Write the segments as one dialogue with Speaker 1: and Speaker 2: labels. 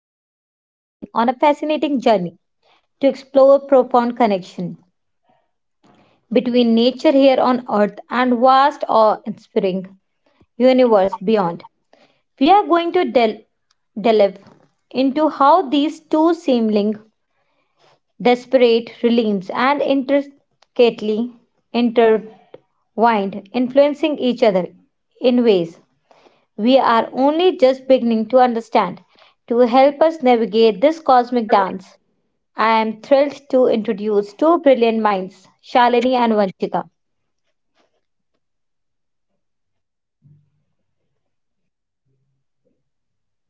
Speaker 1: we are embarking on a fascinating journey to explore profound connection between nature here on Earth and vast, awe-inspiring universe beyond. We are going to delve into how these two seem linked, desperate realms and intricately intertwined, influencing each other in ways we are only just beginning to understand. To help us navigate this cosmic dance, I am thrilled to introduce two brilliant minds, Shalini and Vanshika.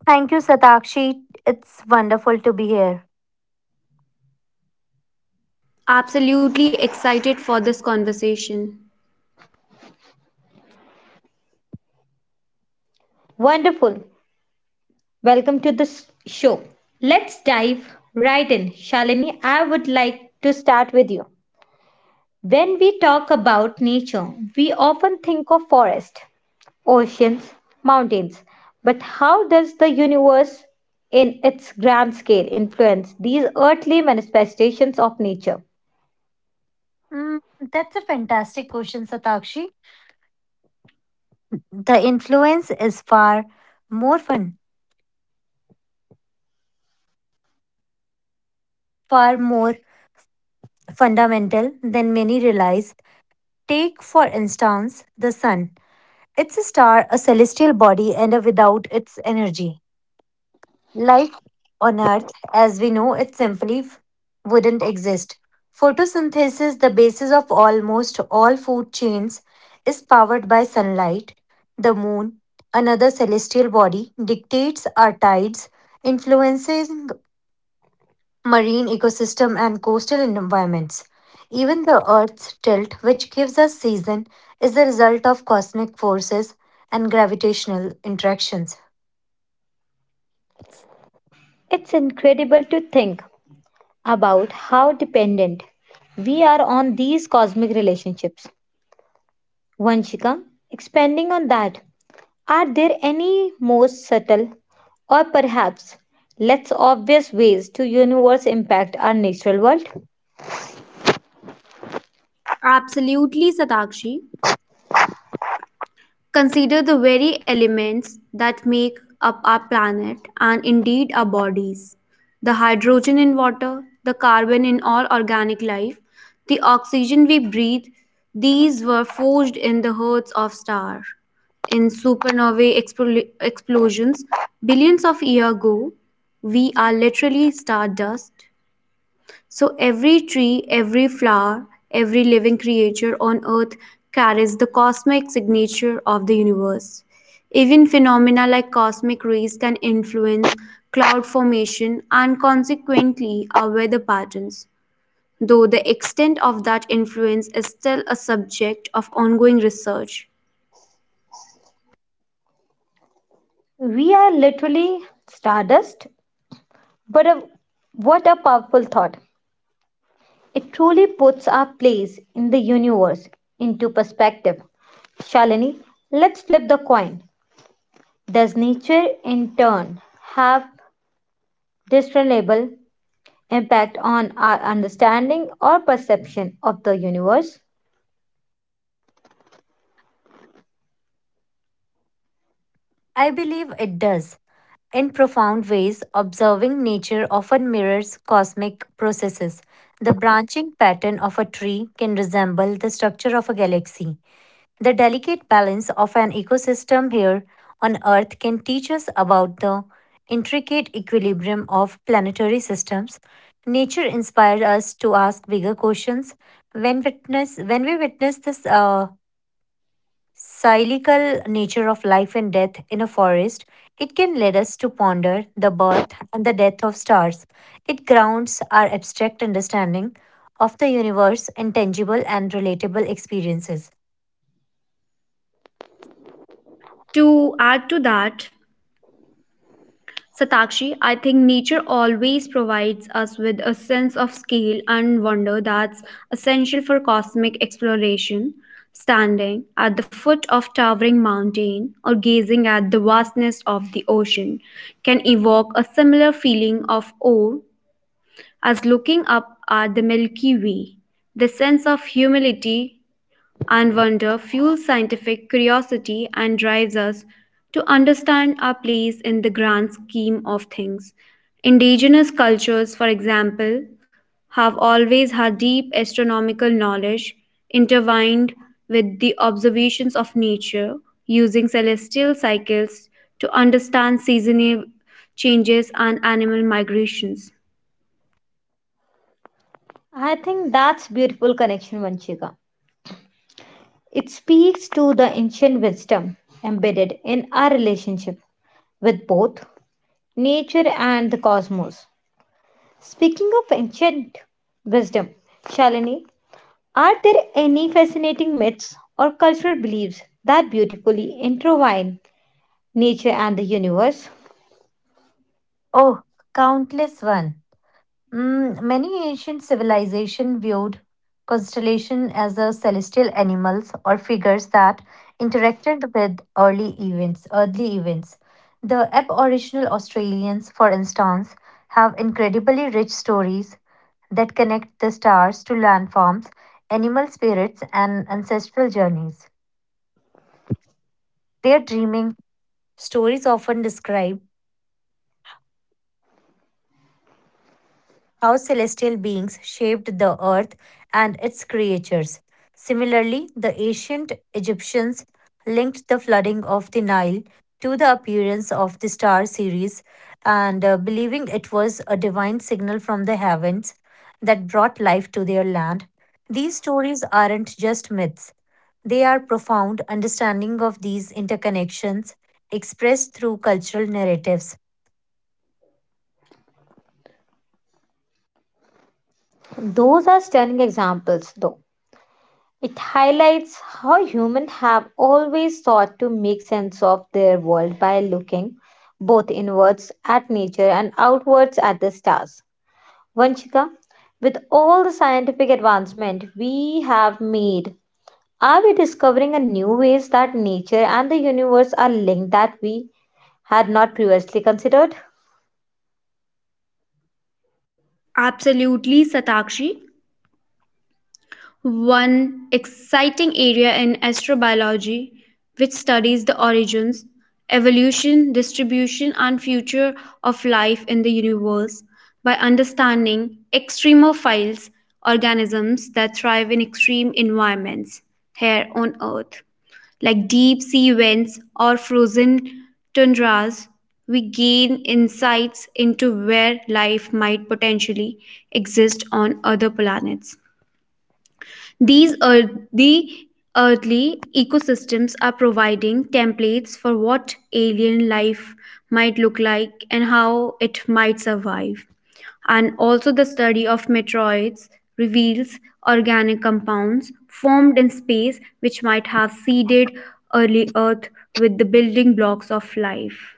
Speaker 2: Thank you, Satakshi. It's wonderful to be here.
Speaker 3: Absolutely excited for this conversation.
Speaker 1: Wonderful. Welcome to the show. Let's dive right in. Shalini, I would like to start with you. When we talk about nature, we often think of forest, oceans, mountains. But how does the universe, in its grand scale, influence these earthly manifestations of nature?
Speaker 2: Mm, that's a fantastic question, Satakshi. The influence is far more fun, far more fundamental than many realize. Take, for instance, the sun. It's a star, a celestial body, and a without its energy, life on Earth, as we know it simply wouldn't exist. Photosynthesis, the basis of almost all food chains, is powered by sunlight. The moon, another celestial body, dictates our tides, influencing marine ecosystem and coastal environments. Even the Earth's tilt, which gives us season, is the result of cosmic forces and gravitational interactions.
Speaker 1: It's incredible to think about how dependent we are on these cosmic relationships. Vanshika, expanding on that, are there any more subtle or perhaps less obvious ways to universe impact our natural world?
Speaker 3: Absolutely, Satakshi. Consider the very elements that make up our planet and indeed our bodies, the hydrogen in water, the carbon in all organic life, the oxygen we breathe. These were forged in the hearts of stars. In supernovae explosions billions of years ago, we are literally stardust. So every tree, every flower, every living creature on earth carries the cosmic signature of the universe. Even phenomena like cosmic rays can influence cloud formation and consequently our weather patterns, though the extent of that influence is still a subject of ongoing research.
Speaker 1: We are literally stardust. But what a powerful thought! It truly puts our place in the universe into perspective. Shalini, let's flip the coin. Does nature in turn have discernible impact on our understanding or perception of the universe?
Speaker 2: I believe it does. In profound ways, observing nature often mirrors cosmic processes. The branching pattern of a tree can resemble the structure of a galaxy. The delicate balance of an ecosystem here on Earth can teach us about the intricate equilibrium of planetary systems. Nature inspires us to ask bigger questions. When we witness this cyclical nature of life and death in a forest, it can lead us to ponder the birth and the death of stars. It grounds our abstract understanding of the universe in tangible and relatable experiences.
Speaker 3: To add to that, Satakshi, I think nature always provides us with a sense of scale and wonder that's essential for cosmic exploration. Standing at the foot of towering mountain or gazing at the vastness of the ocean can evoke a similar feeling of awe as looking up at the Milky Way. The sense of humility and wonder fuels scientific curiosity and drives us to understand our place in the grand scheme of things. Indigenous cultures, for example, have always had deep astronomical knowledge intertwined with the observations of nature, using celestial cycles to understand seasonal changes and animal migrations.
Speaker 1: I think that's beautiful connection, Vanchika. It speaks to the ancient wisdom embedded in our relationship with both nature and the cosmos. Speaking of ancient wisdom, Shalini, are there any fascinating myths or cultural beliefs that beautifully intertwine nature and the universe?
Speaker 2: Oh, countless one. Many ancient civilizations viewed constellation as a celestial animals or figures that interacted with early events, earthly events. The Aboriginal Australians, for instance, have incredibly rich stories that connect the stars to landforms, animal spirits, and ancestral journeys. Their dreaming stories often describe how celestial beings shaped the earth and its creatures. Similarly, the ancient Egyptians linked the flooding of the Nile to the appearance of the star series and believing it was a divine signal from the heavens that brought life to their land. These stories aren't just myths. They are profound understanding of these interconnections expressed through cultural narratives.
Speaker 1: Those are stunning examples, though. It highlights how humans have always sought to make sense of their world by looking both inwards at nature and outwards at the stars. Vanchika, with all the scientific advancement we have made, are we discovering a new ways that nature and the universe are linked that we had not previously considered?
Speaker 3: Absolutely, Satakshi. One exciting area in astrobiology, which studies the origins, evolution, distribution, and future of life in the universe by understanding extremophiles, organisms that thrive in extreme environments here on Earth, like deep sea vents or frozen tundras. We gain insights into where life might potentially exist on other planets. These earthly ecosystems are providing templates for what alien life might look like and how it might survive. And also, the study of meteoroids reveals organic compounds formed in space which might have seeded early Earth with the building blocks of life.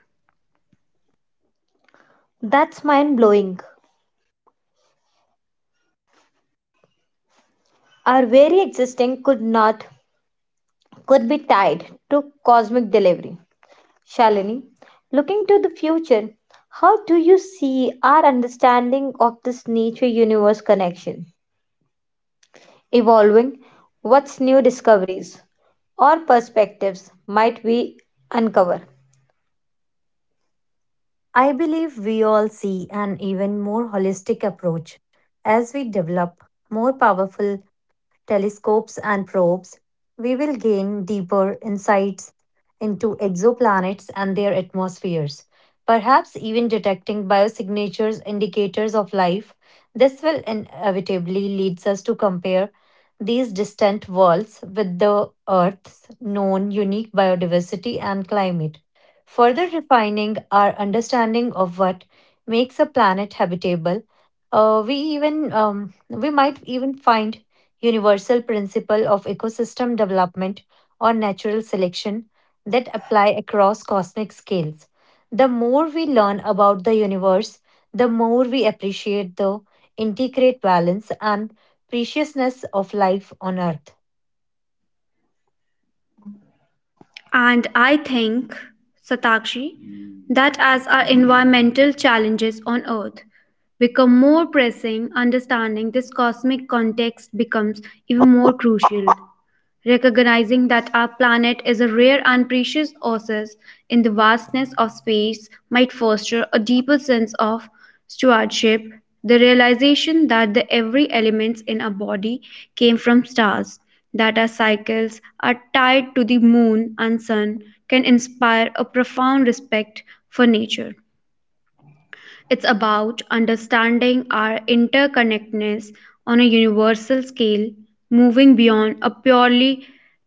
Speaker 1: That's mind blowing. Our very existing could not could be tied to cosmic delivery. Shalini, looking to the future, how do you see our understanding of this nature universe connection evolving? What's new discoveries or perspectives might we uncover?
Speaker 2: I believe we all see an even more holistic approach as we develop more powerful telescopes, and probes, we will gain deeper insights into exoplanets and their atmospheres, perhaps even detecting biosignatures indicators of life. This will inevitably leads us to compare these distant worlds with the Earth's known unique biodiversity and climate, further refining our understanding of what makes a planet habitable. We might even find universal principle of ecosystem development or natural selection that apply across cosmic scales. The more we learn about the universe, the more we appreciate the integrate balance and preciousness of life on earth.
Speaker 3: And I think, Satakshi, that as our environmental challenges on Earth become more pressing, understanding this cosmic context becomes even more crucial. Recognizing that our planet is a rare and precious oasis in the vastness of space might foster a deeper sense of stewardship, the realization that the every elements in our body came from stars, that our cycles are tied to the moon and sun, can inspire a profound respect for nature. It's about understanding our interconnectedness on a universal scale, moving beyond a purely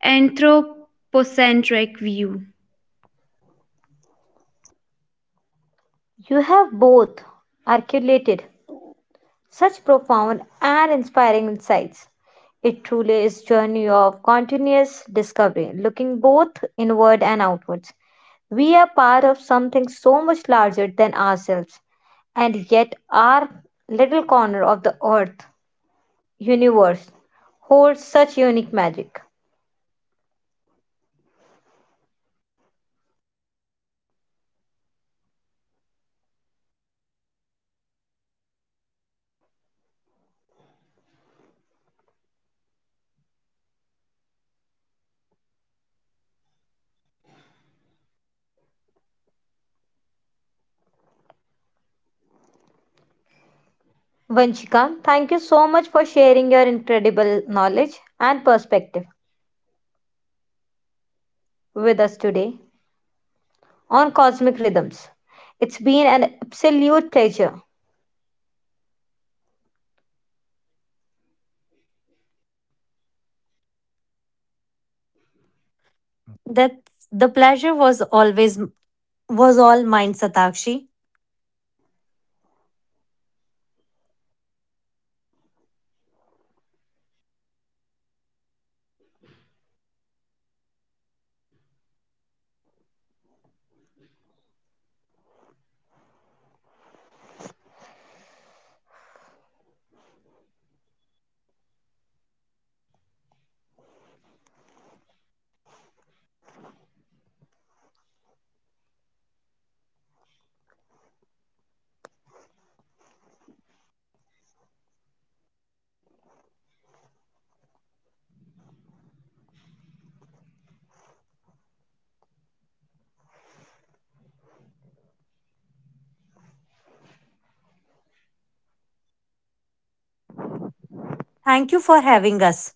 Speaker 3: anthropocentric view.
Speaker 2: That the pleasure was always was all mine, Satakshi. Thank you for having us.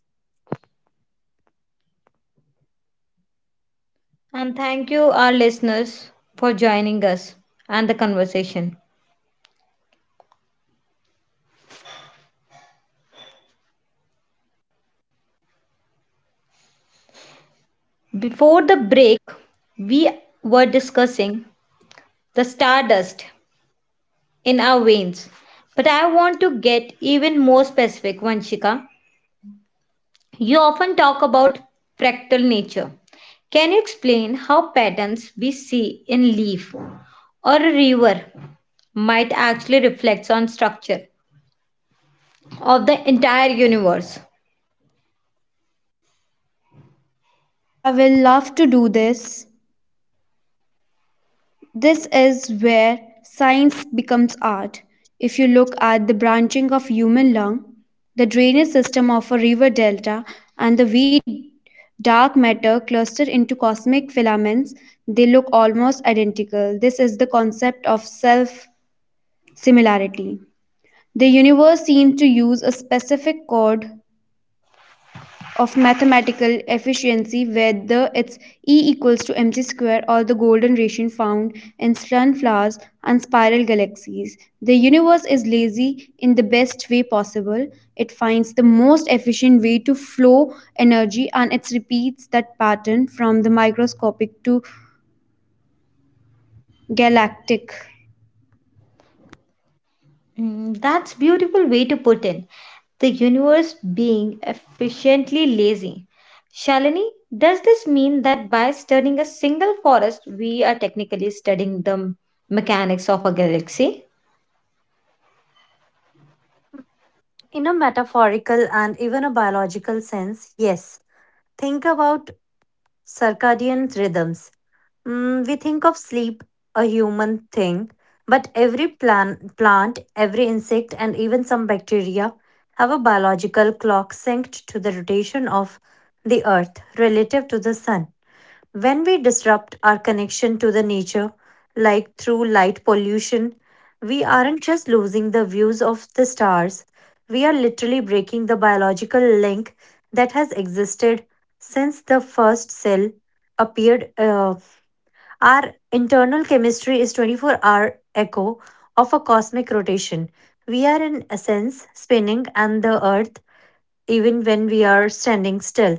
Speaker 3: I will love to do this. This is where science becomes art. If you look at the branching of human lung, the drainage system of a river delta, and the way dark matter clustered into cosmic filaments, they look almost identical. This is the concept of self similarity. The universe seems to use a specific code of mathematical efficiency, whether it's E equals to mc square or the golden ratio found in sunflowers and spiral galaxies. The universe is lazy in the best way possible. It finds the most efficient way to flow energy and it repeats that pattern from the microscopic to galactic.
Speaker 2: In a metaphorical and even a biological sense, yes. Think about circadian rhythms. We think of sleep, a human thing, but every plant, every insect, and even some bacteria have a biological clock synced to the rotation of the earth relative to the sun. When we disrupt our connection to the nature, like through light pollution, we aren't just losing the views of the stars, we are literally breaking the biological link that has existed since the first cell appeared. Our internal chemistry is 24-hour hour echo of a cosmic rotation. We are in essence spinning and the earth even when we are standing still.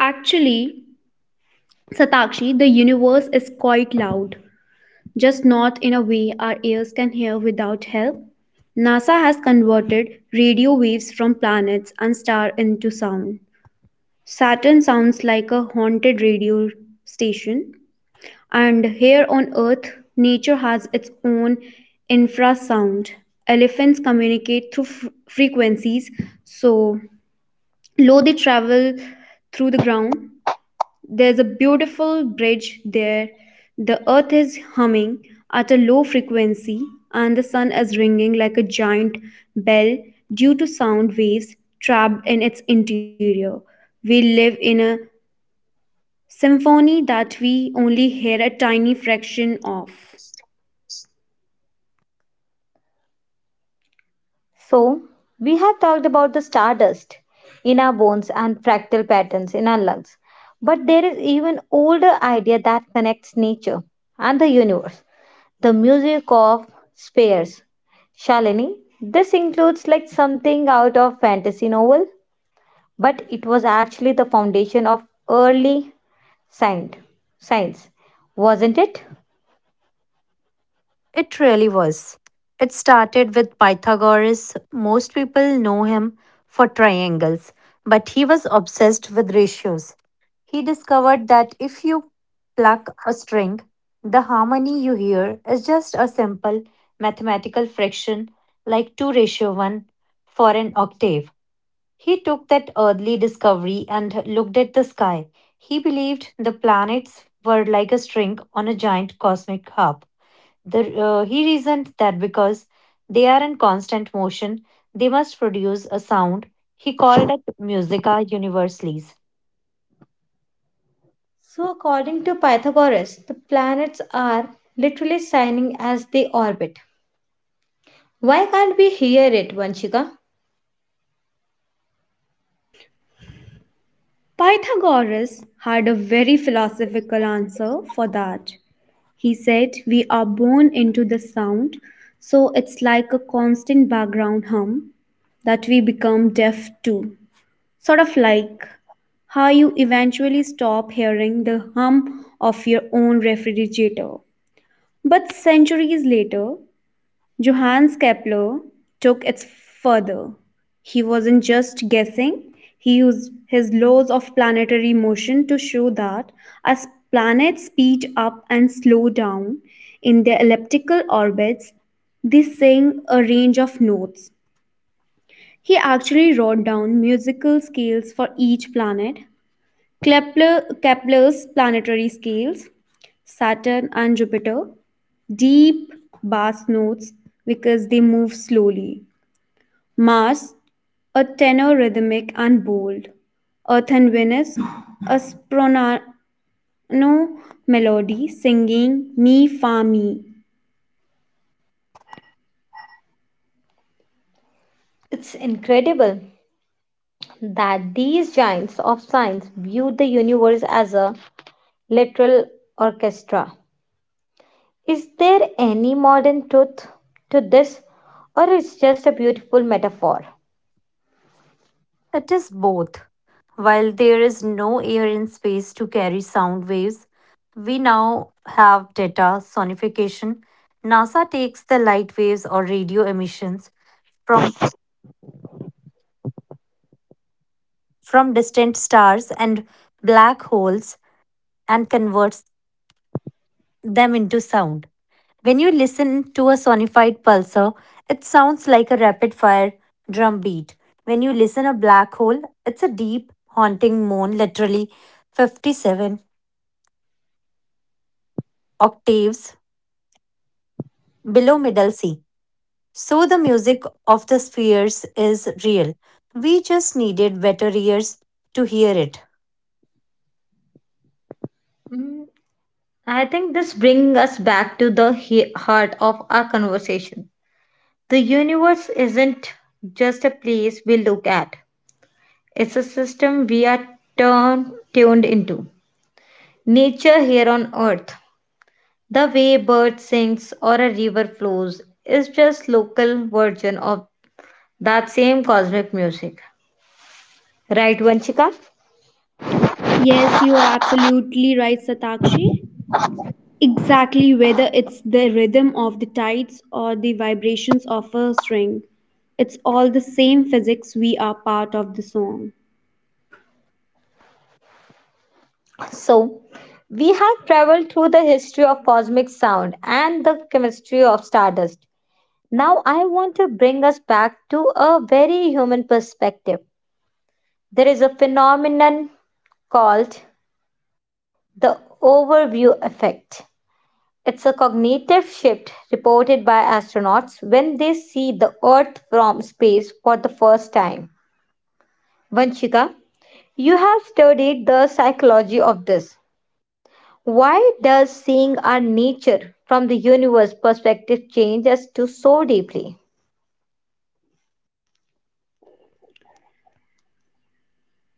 Speaker 3: Actually, Satakshi, the universe is quite loud, just not in a way our ears can hear without help. NASA has converted radio waves from planets and stars into sound. Saturn sounds like a haunted radio station, and here on Earth, nature has its own infrasound. Elephants communicate through frequencies, so low they travel through the ground. There's a beautiful bridge there. The earth is humming at a low frequency and the sun is ringing like a giant bell due to sound waves trapped in its interior. We live in a symphony that we only hear a tiny fraction of.
Speaker 2: It really was. It started with Pythagoras. Most people know him for triangles, but he was obsessed with ratios. He discovered that if you pluck a string, the harmony you hear is just a simple mathematical fraction like 2 ratio 1 for an octave. He took that early discovery and looked at the sky. He believed the planets were like a string on a giant cosmic harp. He reasoned that because they are in constant motion, they must produce a sound. He called it musica universalis.
Speaker 3: Pythagoras had a very philosophical answer for that. He said, we are born into the sound, so it's like a constant background hum that we become deaf to. Sort of like how you eventually stop hearing the hum of your own refrigerator. But centuries later, Johannes Kepler took it further. He wasn't just guessing, he used his laws of planetary motion to show that as planets speed up and slow down in their elliptical orbits, they sing a range of notes. He actually wrote down musical scales for each planet, Kepler's planetary scales. Saturn and Jupiter, deep bass notes because they move slowly. Mars, a tenor, rhythmic and bold. Earth and Venus, a soprano melody singing me fa mi.
Speaker 2: It is both. While there is no air in space to carry sound waves, we now have data sonification. NASA takes the light waves or radio emissions from, from distant stars and black holes and converts them into sound. When you listen to a sonified pulsar, it sounds like a rapid fire drum beat. When you listen a black hole, it's a deep, haunting moan, literally 57 octaves below middle C. So the music of the spheres is real. We just needed better ears to hear it.
Speaker 3: Yes, you are absolutely right, Satakshi. Exactly, whether it's the rhythm of the tides or the vibrations of a string, it's all the same physics. We are part of the song.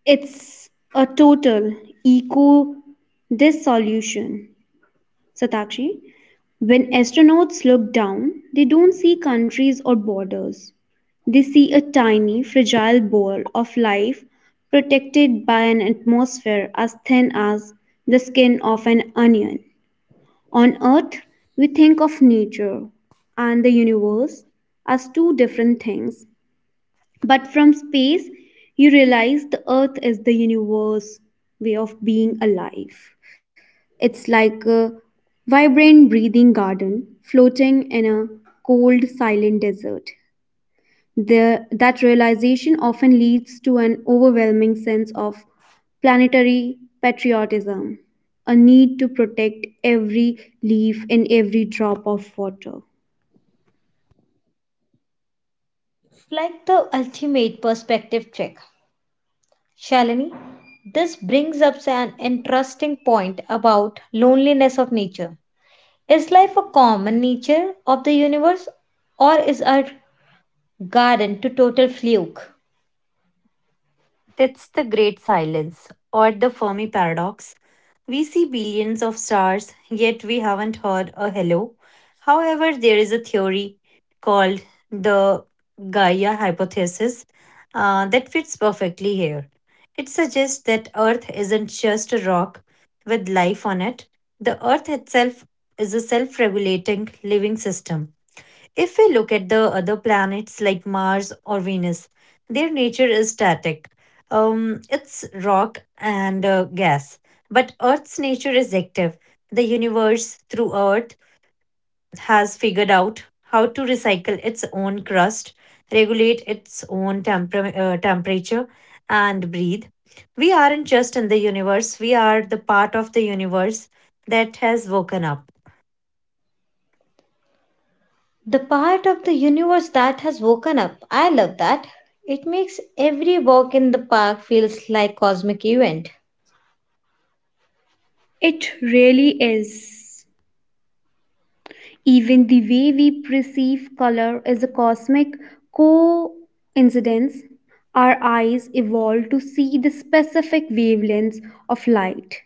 Speaker 3: It's a total eco dissolution, Satakshi. When astronauts look down, they don't see countries or borders. They see a tiny, fragile ball of life protected by an atmosphere as thin as the skin of an onion. On Earth, we think of nature and the universe as two different things, but from space, you realize the earth is the universe way of being alive. It's like a vibrant, breathing garden floating in a cold, silent desert. That realization often leads to an overwhelming sense of planetary patriotism, a need to protect every leaf and every drop of water.
Speaker 2: That's the great silence or the Fermi paradox. We see billions of stars, yet we haven't heard a hello. However, there is a theory called the Gaia hypothesis that fits perfectly here. It suggests that Earth isn't just a rock with life on it, the Earth itself is a self regulating living system if we look at the other planets like Mars or Venus, their nature is static. It's rock and gas. But Earth's nature is active. The universe, through Earth, has figured out how to recycle its own crust, regulate its own temperature, and breathe. We aren't just in the universe, we are the part of the universe that has woken up.
Speaker 3: It really is. Even the way we perceive color is a cosmic coincidence. Our eyes evolved to see the specific wavelengths of light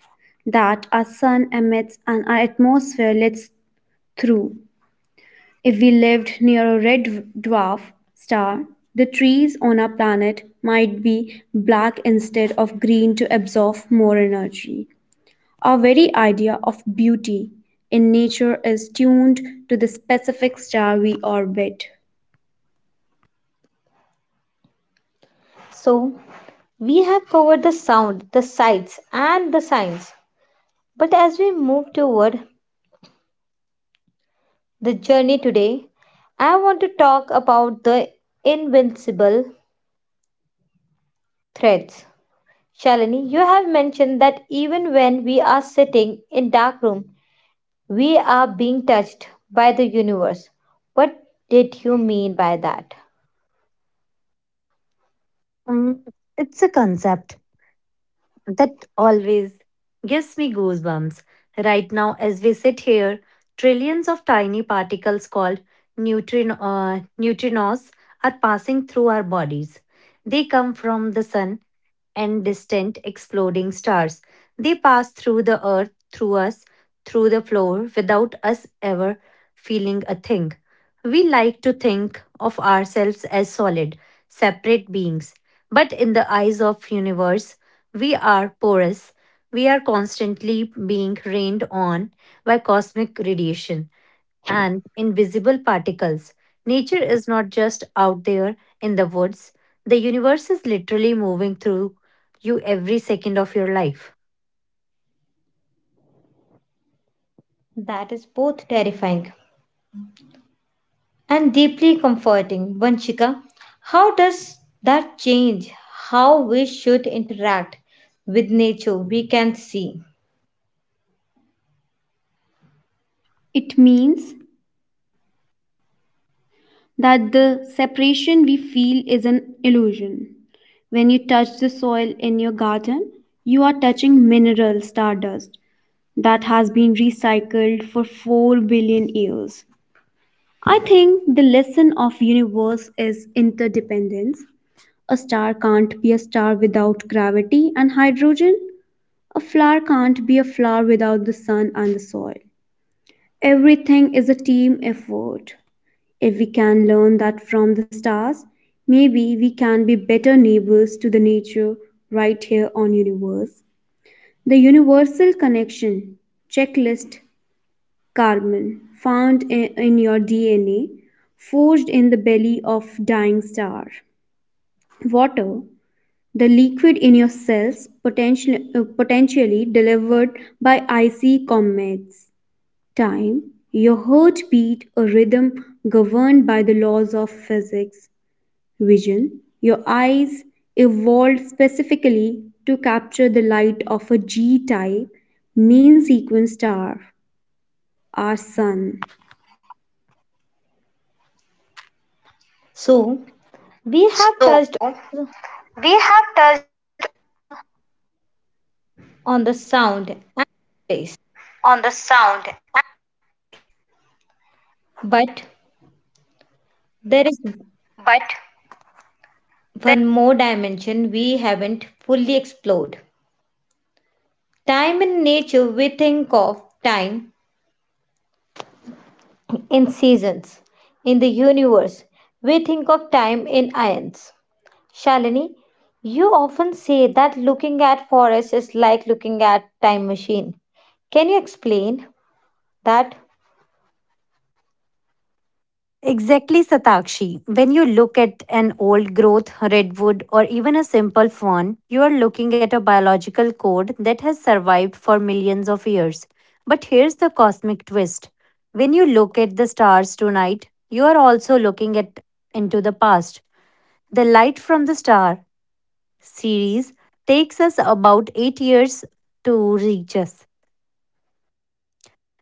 Speaker 3: that our sun emits and our atmosphere lets through. If we lived near a red dwarf star, the trees on our planet might be black instead of green to absorb more energy. Our very idea of beauty in nature is tuned to the specific star we orbit.
Speaker 2: Mm, it's a concept that always gives me goosebumps. Right now, as we sit here, trillions of tiny particles called neutrinos are passing through our bodies. They come from the sun and distant exploding stars. They pass through the earth, through us, through the floor, without us ever feeling a thing. We like to think of ourselves as solid, separate beings, but in the eyes of universe, we are porous. We are constantly being rained on by cosmic radiation and invisible particles. Nature is not just out there in the woods, the universe is literally moving through you every second of your life.
Speaker 3: It means that the separation we feel is an illusion. When you touch the soil in your garden, you are touching mineral stardust that has been recycled for 4 billion years. I think the lesson of universe is interdependence. A star can't be a star without gravity and hydrogen. A flower can't be a flower without the sun and the soil. Everything is a team effort. If we can learn that from the stars, maybe we can be better neighbors to the nature right here on universe. The universal connection checklist: carbon found in your DNA, forged in the belly of dying star. Water, the liquid in your cells, potentially delivered by icy comets. Time, your heart beat, a rhythm governed by the laws of physics. Vision, your eyes evolved specifically to capture the light of a G type main sequence star, our sun.
Speaker 2: Exactly, Satakshi. When you look at an old growth redwood or even a simple fern, you are looking at a biological code that has survived for millions of years. But here's the cosmic twist when you look at the stars tonight, you are also looking at into the past. The light from the star series takes us about 8 years to reach us.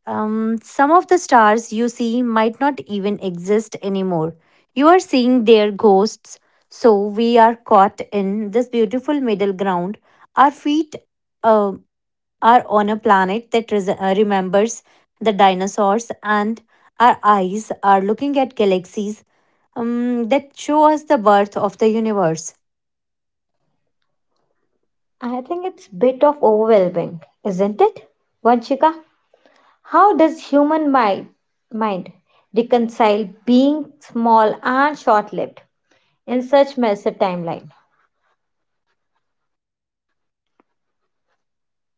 Speaker 2: Some of the stars you see might not even exist anymore. You are seeing their ghosts, so we are caught in this beautiful middle ground. Our feet uh, are on a planet that remembers the dinosaurs, and our eyes are looking at galaxies that show us the birth of the universe.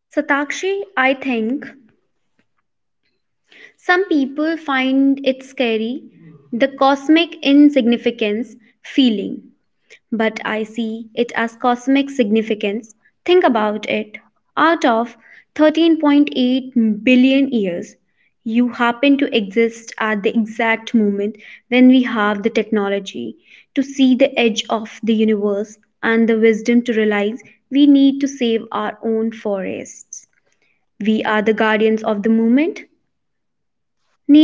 Speaker 3: Satakshi, I think some people find it scary, the cosmic insignificance feeling, but I see it as cosmic significance. Think about it. Out of 13.8 billion years, you happen to exist at the exact moment when we have the technology to see the edge of the universe and the wisdom to realize we need to save our own forests. We are the guardians of the moment.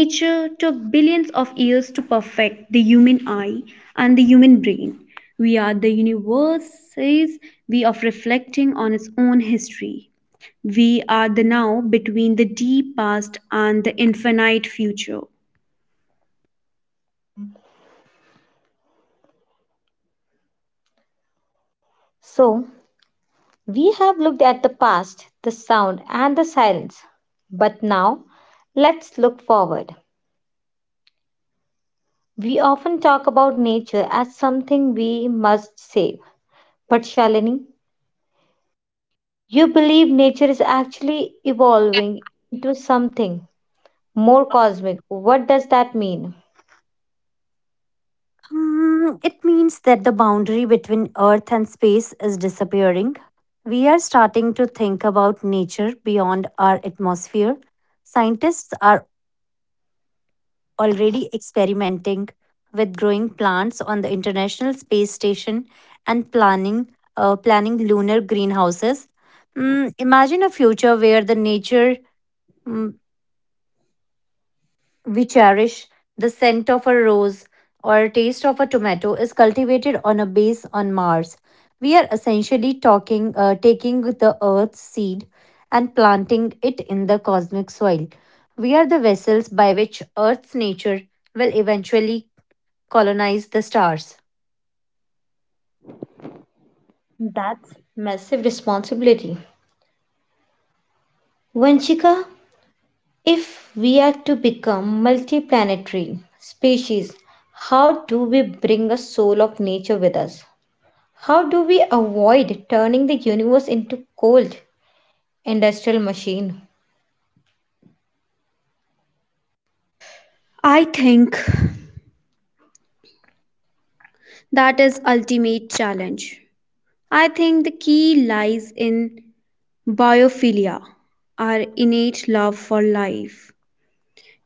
Speaker 3: Nature took billions of years to perfect the human eye and the human brain. We are the universe's way of reflecting on its own history. We are the now between the deep past and the infinite future.
Speaker 2: It means that the boundary between earth and space is disappearing. We are starting to think about nature beyond our atmosphere. Scientists are already experimenting with growing plants on the International Space Station and planning planning lunar greenhouses. Imagine a future where the nature mm, we cherish, the scent of a rose or taste of a tomato is cultivated on a base on Mars. We are essentially taking the Earth's seed and planting it in the cosmic soil. We are the vessels by which Earth's nature will eventually colonize the stars.
Speaker 3: I think that is ultimate challenge. I think the key lies in biophilia, our innate love for life.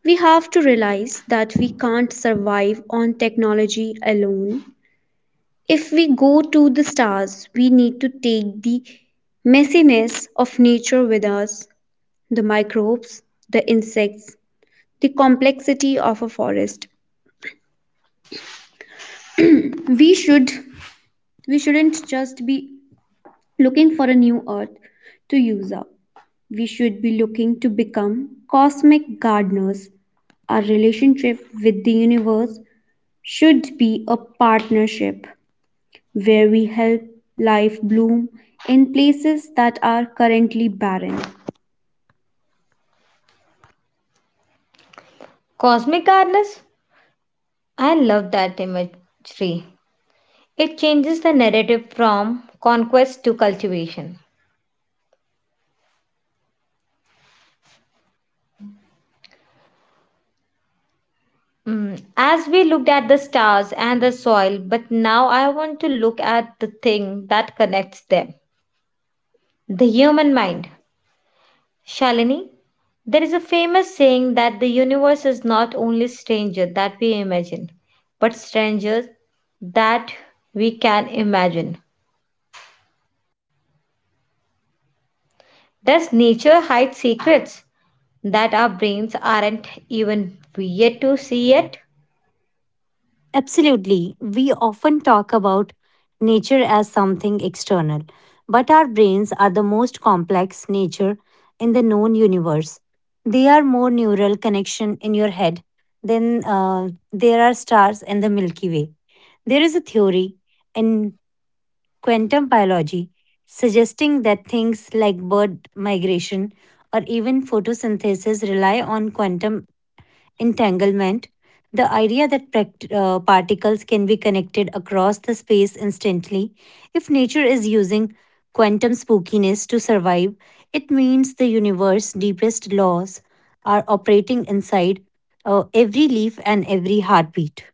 Speaker 3: We have to realize that we can't survive on technology alone. If we go to the stars, we need to take the messiness of nature with us, the microbes, the insects, the complexity of a forest. We should we shouldn't just be looking for a new earth to use up. We should be looking to become cosmic gardeners. Our relationship with the universe should be a partnership where we help life bloom in places that are currently barren.
Speaker 2: Absolutely. We often talk about nature as something external, but our brains are the most complex nature in the known universe. They are more neural connection in your head than there are stars in the Milky Way. There is a theory in quantum biology suggesting that things like bird migration or even photosynthesis rely on quantum entanglement, the idea that particles can be connected across the space instantly. If nature is using quantum spookiness to survive, it means the universe's deepest laws are operating inside every leaf and every heartbeat.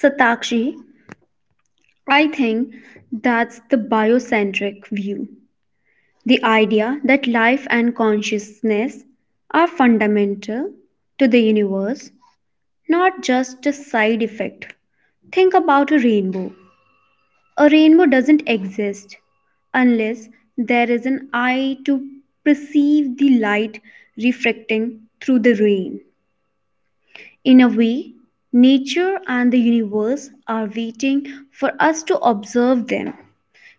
Speaker 3: Satakshi, I think that's the biocentric view. The idea that life and consciousness are fundamental to the universe, not just a side effect. Think about a rainbow. A rainbow doesn't exist unless there is an eye to perceive the light refracting through the rain. In a way, nature and the universe are waiting for us to observe them.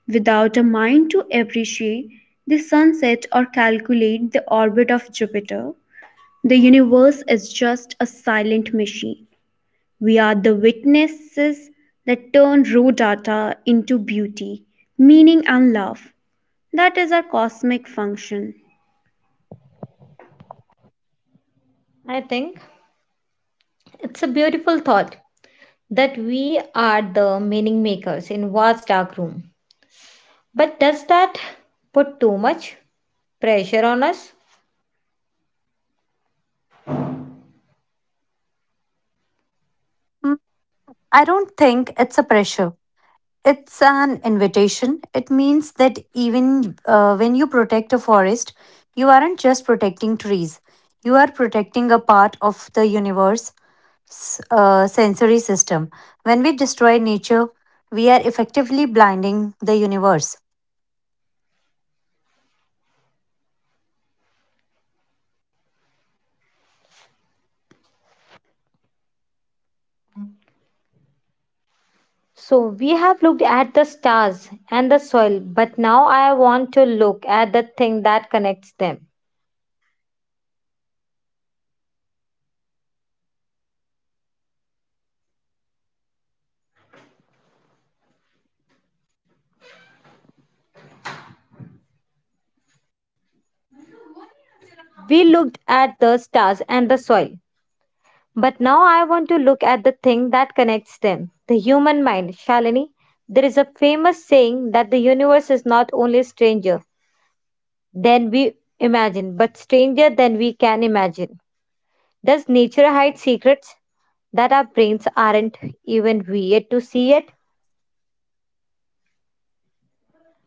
Speaker 3: Without a mind to appreciate the sunset or calculate the orbit of Jupiter, the universe is just a silent machine. We are the witnesses that turn raw data into beauty, meaning, and love. That is our cosmic function.
Speaker 2: Mm, I don't think it's a pressure. It's an invitation. It means that even when you protect a forest, you aren't just protecting trees, you are protecting a part of the universe sensory system. When we destroy nature, we are effectively blinding the universe.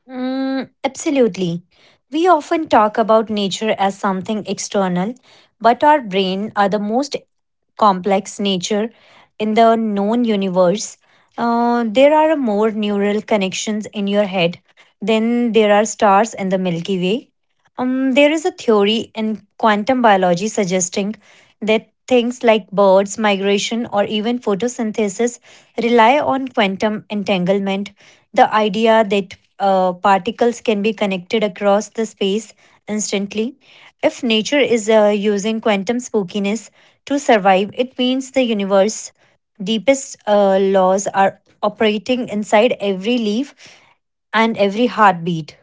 Speaker 2: Absolutely. We often talk about nature as something external, but our brain are the most complex nature in the known universe. There are more neural connections in your head then there are stars in the Milky Way. There is a theory in quantum biology suggesting that things like birds, migration, or even photosynthesis rely on quantum entanglement, the idea that particles can be connected across the space instantly. If nature is using quantum spookiness to survive, it means the universe's deepest laws are operating inside every leaf and every heartbeat.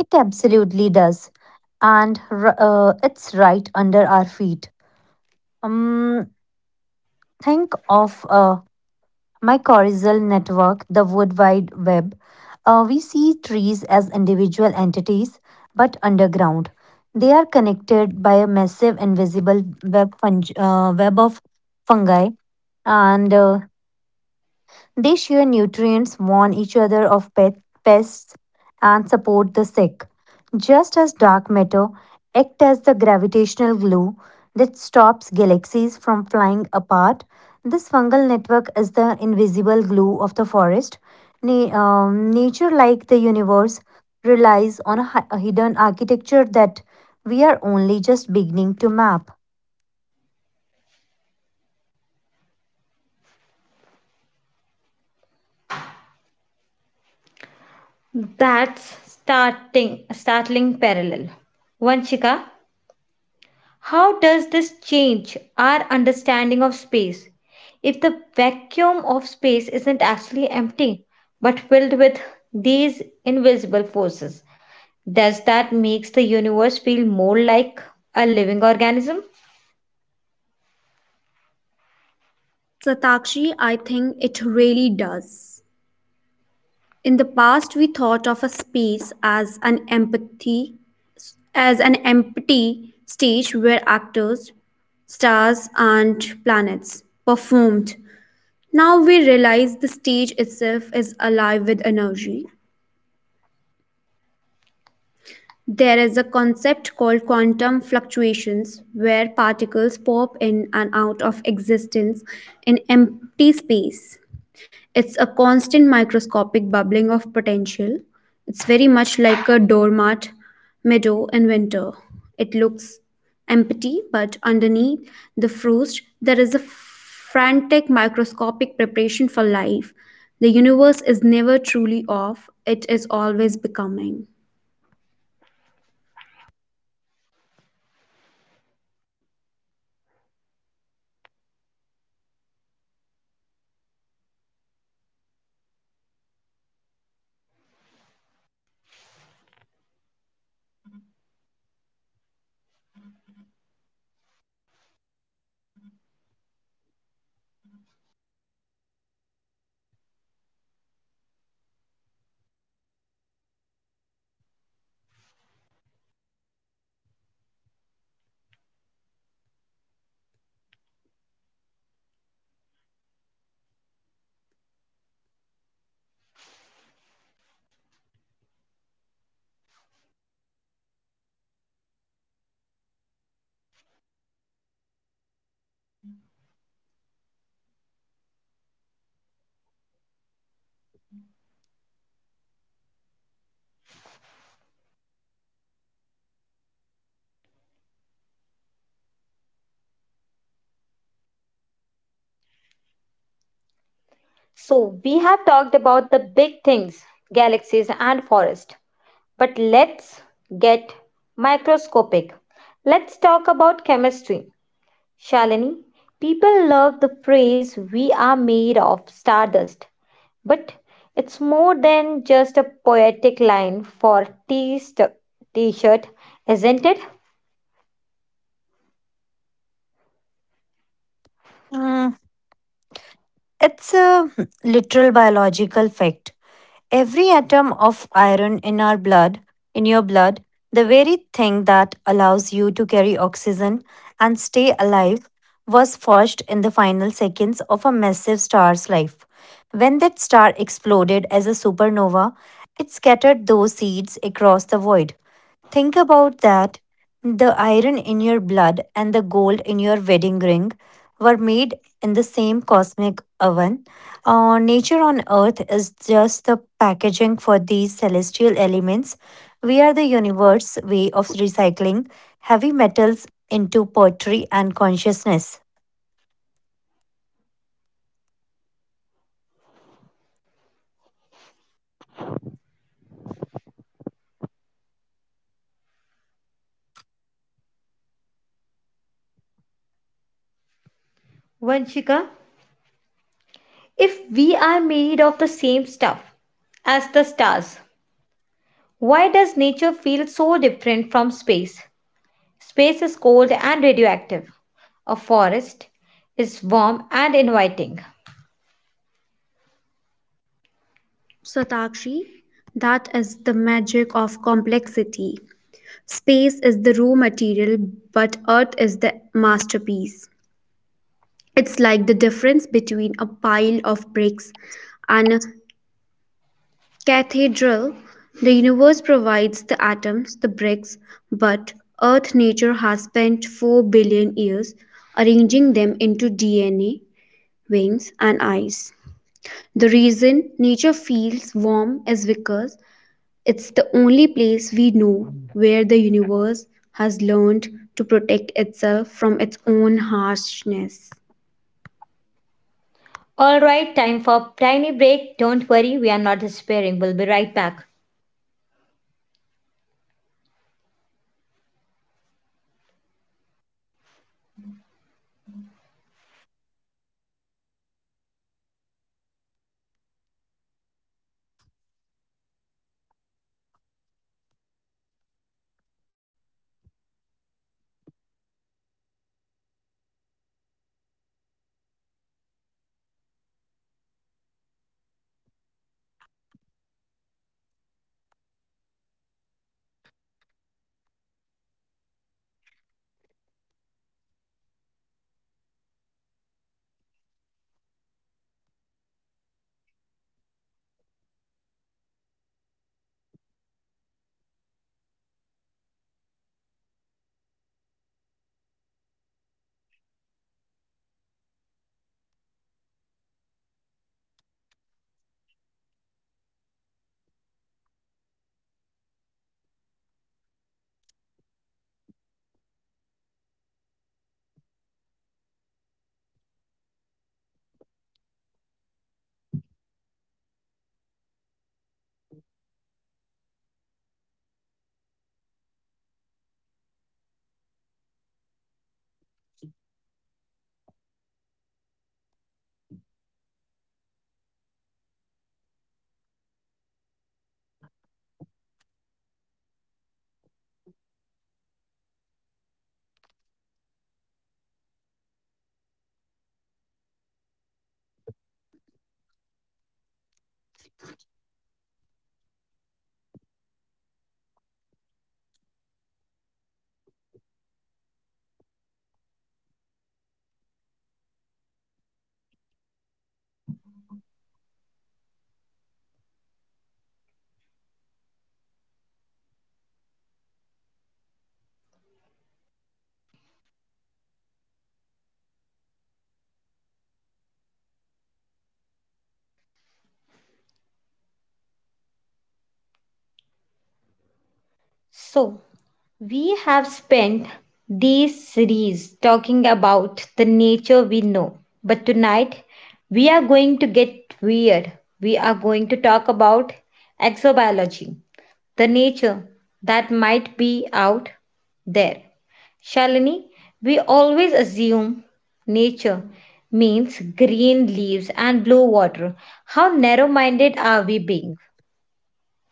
Speaker 2: It absolutely does. And it's right under our feet. Um, think of my corizal network, the World Wide Web. We see trees as individual entities, but underground. They are connected by a massive invisible web of fungi. And They share nutrients, warn each other of pet pests, and support the sick. Just as dark matter act as the gravitational glue that stops galaxies from flying apart, this fungal network is the invisible glue of the forest. Nature, like the universe, relies on a a hidden architecture that we are only just beginning to map.
Speaker 3: Satakshi, I think it really does. In the past, we thought of a space as an empathy, as an empty stage where actors, stars, and planets performed. Now we realize the stage itself is alive with energy. There is a concept called quantum fluctuations where particles pop in and out of existence in empty space. It's a constant microscopic bubbling of potential. It's very much like a doormat meadow in winter. It looks empty, but underneath the frost, there is a frantic microscopic preparation for life. The universe is never truly off, it is always becoming.
Speaker 4: Mm, it's a literal biological fact. Every atom of iron in our blood, in your blood, the very thing that allows you to carry oxygen and stay alive, was forged in the final seconds of a massive star's life. When that star exploded as a supernova, it scattered those seeds across the void. Think about that. The iron in your blood and the gold in your wedding ring were made in the same cosmic oven. Nature on earth is just the packaging for these celestial elements. We are the universe's way of recycling heavy metals into poetry and consciousness.
Speaker 3: Satakshi, that is the magic of complexity. Space is the raw material, but earth is the masterpiece. It's like the difference between a pile of bricks and a cathedral. The universe provides the atoms, the bricks, but earth nature has spent 4 billion years arranging them into DNA, wings, and eyes. The reason nature feels warm is because it's the only place we know where the universe has learned to protect itself from its own harshness.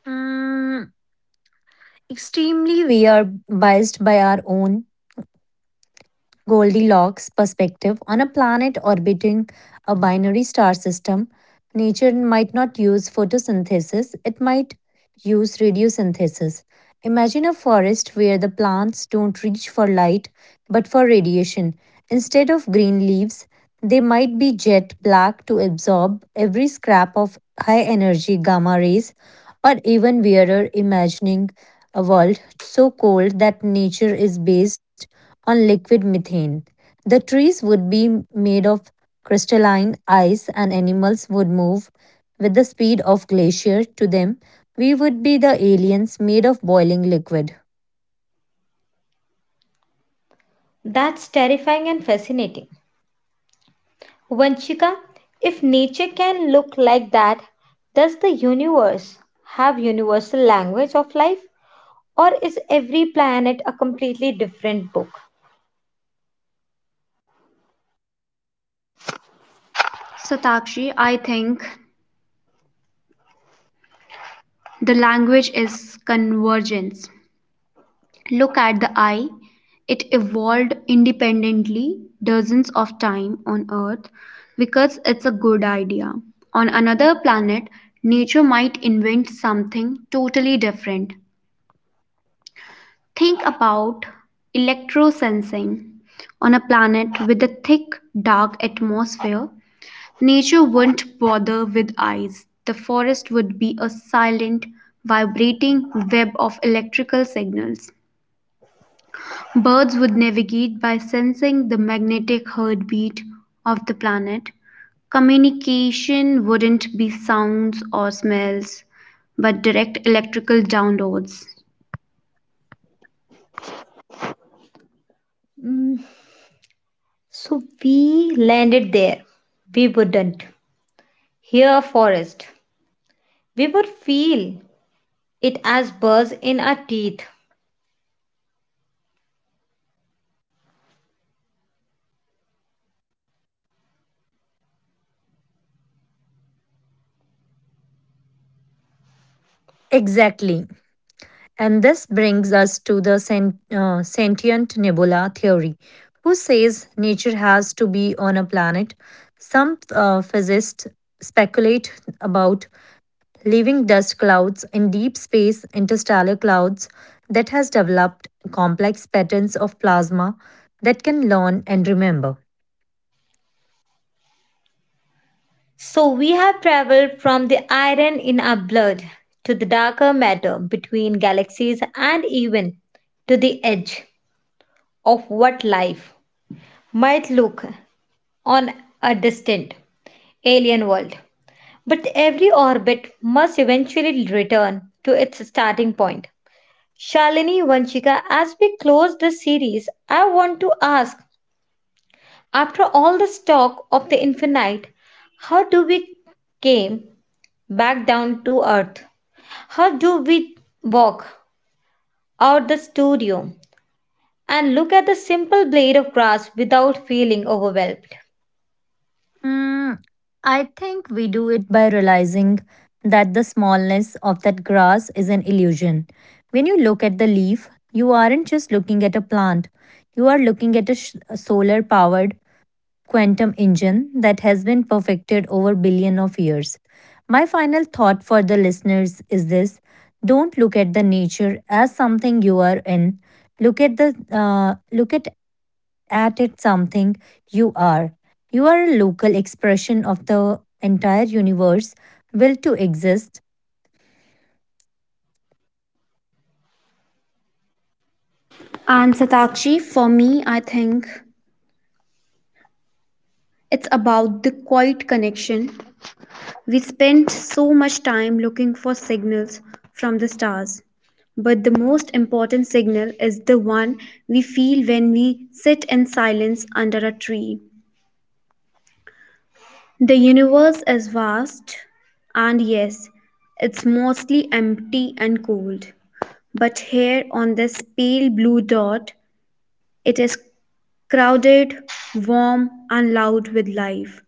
Speaker 4: Mm, extremely, we are biased by our own Goldilocks perspective on a planet orbiting a binary star system. Nature might not use photosynthesis, it might use radiosynthesis. Imagine a forest where the plants don't reach for light but for radiation. Instead of green leaves, they might be jet black to absorb every scrap of high energy gamma rays, or even wearer imagining a world so cold that nature is based on liquid methane. The trees would be made of crystalline ice, and animals would move with the speed of glacier to them we would be the aliens made of boiling liquid.
Speaker 3: Satakshi, I think the language is convergence. Look at the eye. It evolved independently dozens of times on earth because it's a good idea. On another planet, nature might invent something totally different. Think about electrosensing. On a planet with a thick, dark atmosphere, nature wouldn't bother with eyes. The forest would be a silent, vibrating web of electrical signals. Birds would navigate by sensing the magnetic heartbeat of the planet. Communication wouldn't be sounds or smells, but direct electrical downloads.
Speaker 4: Exactly. And this brings us to the sentient nebula theory, who says nature has to be on a planet. Some physicists speculate about living dust clouds in deep space, interstellar clouds that has developed complex patterns of plasma that can learn and remember. Mm, I think we do it by realizing that the smallness of that grass is an illusion. When you look at the leaf, you aren't just looking at a plant, you are looking at a solar powered quantum engine that has been perfected over billion of years. My final thought for the listeners is this: don't look at the nature as something you are in, look at it something you are. You are a local expression of the entire universe will to exist.
Speaker 3: And Satakshi, for me, I think it's about the quiet connection. We spend so much time looking for signals from the stars, but the most important signal is the one we feel when we sit in silence under a tree. The universe is vast, and yes, it's mostly empty and cold. But here on this pale blue dot, it is crowded, warm, and loud with life.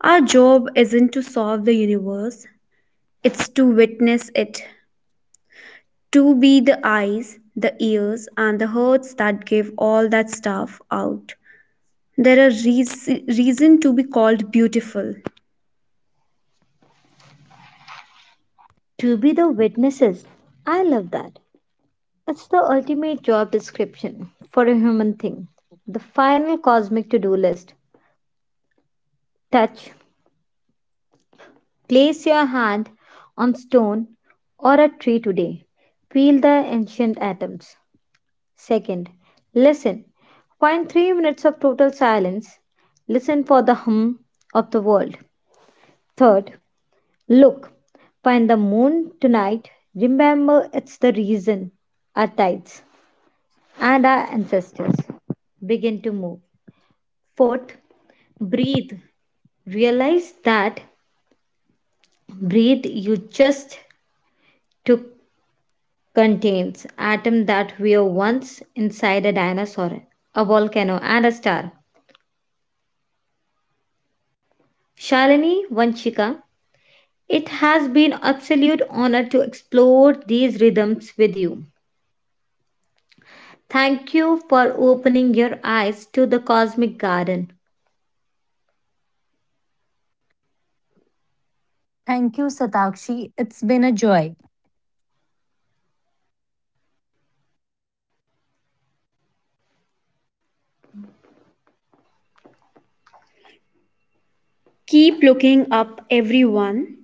Speaker 3: Our job isn't to solve the universe, it's to witness it, to be the eyes, the ears, and the hearts that give all that stuff out. There are re reason to be called beautiful.
Speaker 4: Thank you, Satakshi. It's been a joy.
Speaker 3: Keep looking up, everyone.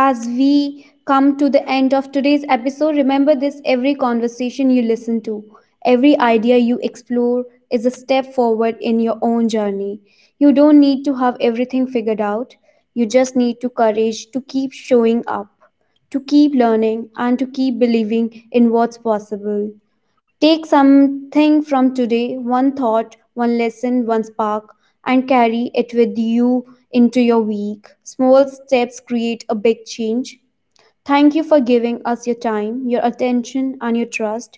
Speaker 3: As we come to the end of today's episode, remember this: every conversation you listen to, every idea you explore is a step forward in your own journey. You don't need to have everything figured out, you just need to courage to keep showing up, to keep learning, and to keep believing in what's possible. Take something from today, one thought, one lesson, one spark, and carry it with you into your week. Small steps create a big change. Thank you for giving us your time, your attention, and your trust.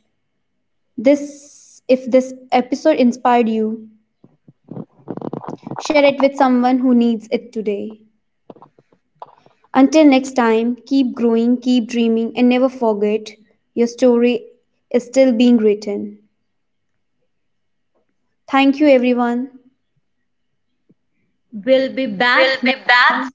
Speaker 3: This if this episode inspired you, share it with someone who needs it today. Until next time, keep growing, keep dreaming, and never forget your story is still being written. Thank you everyone. We'll be back.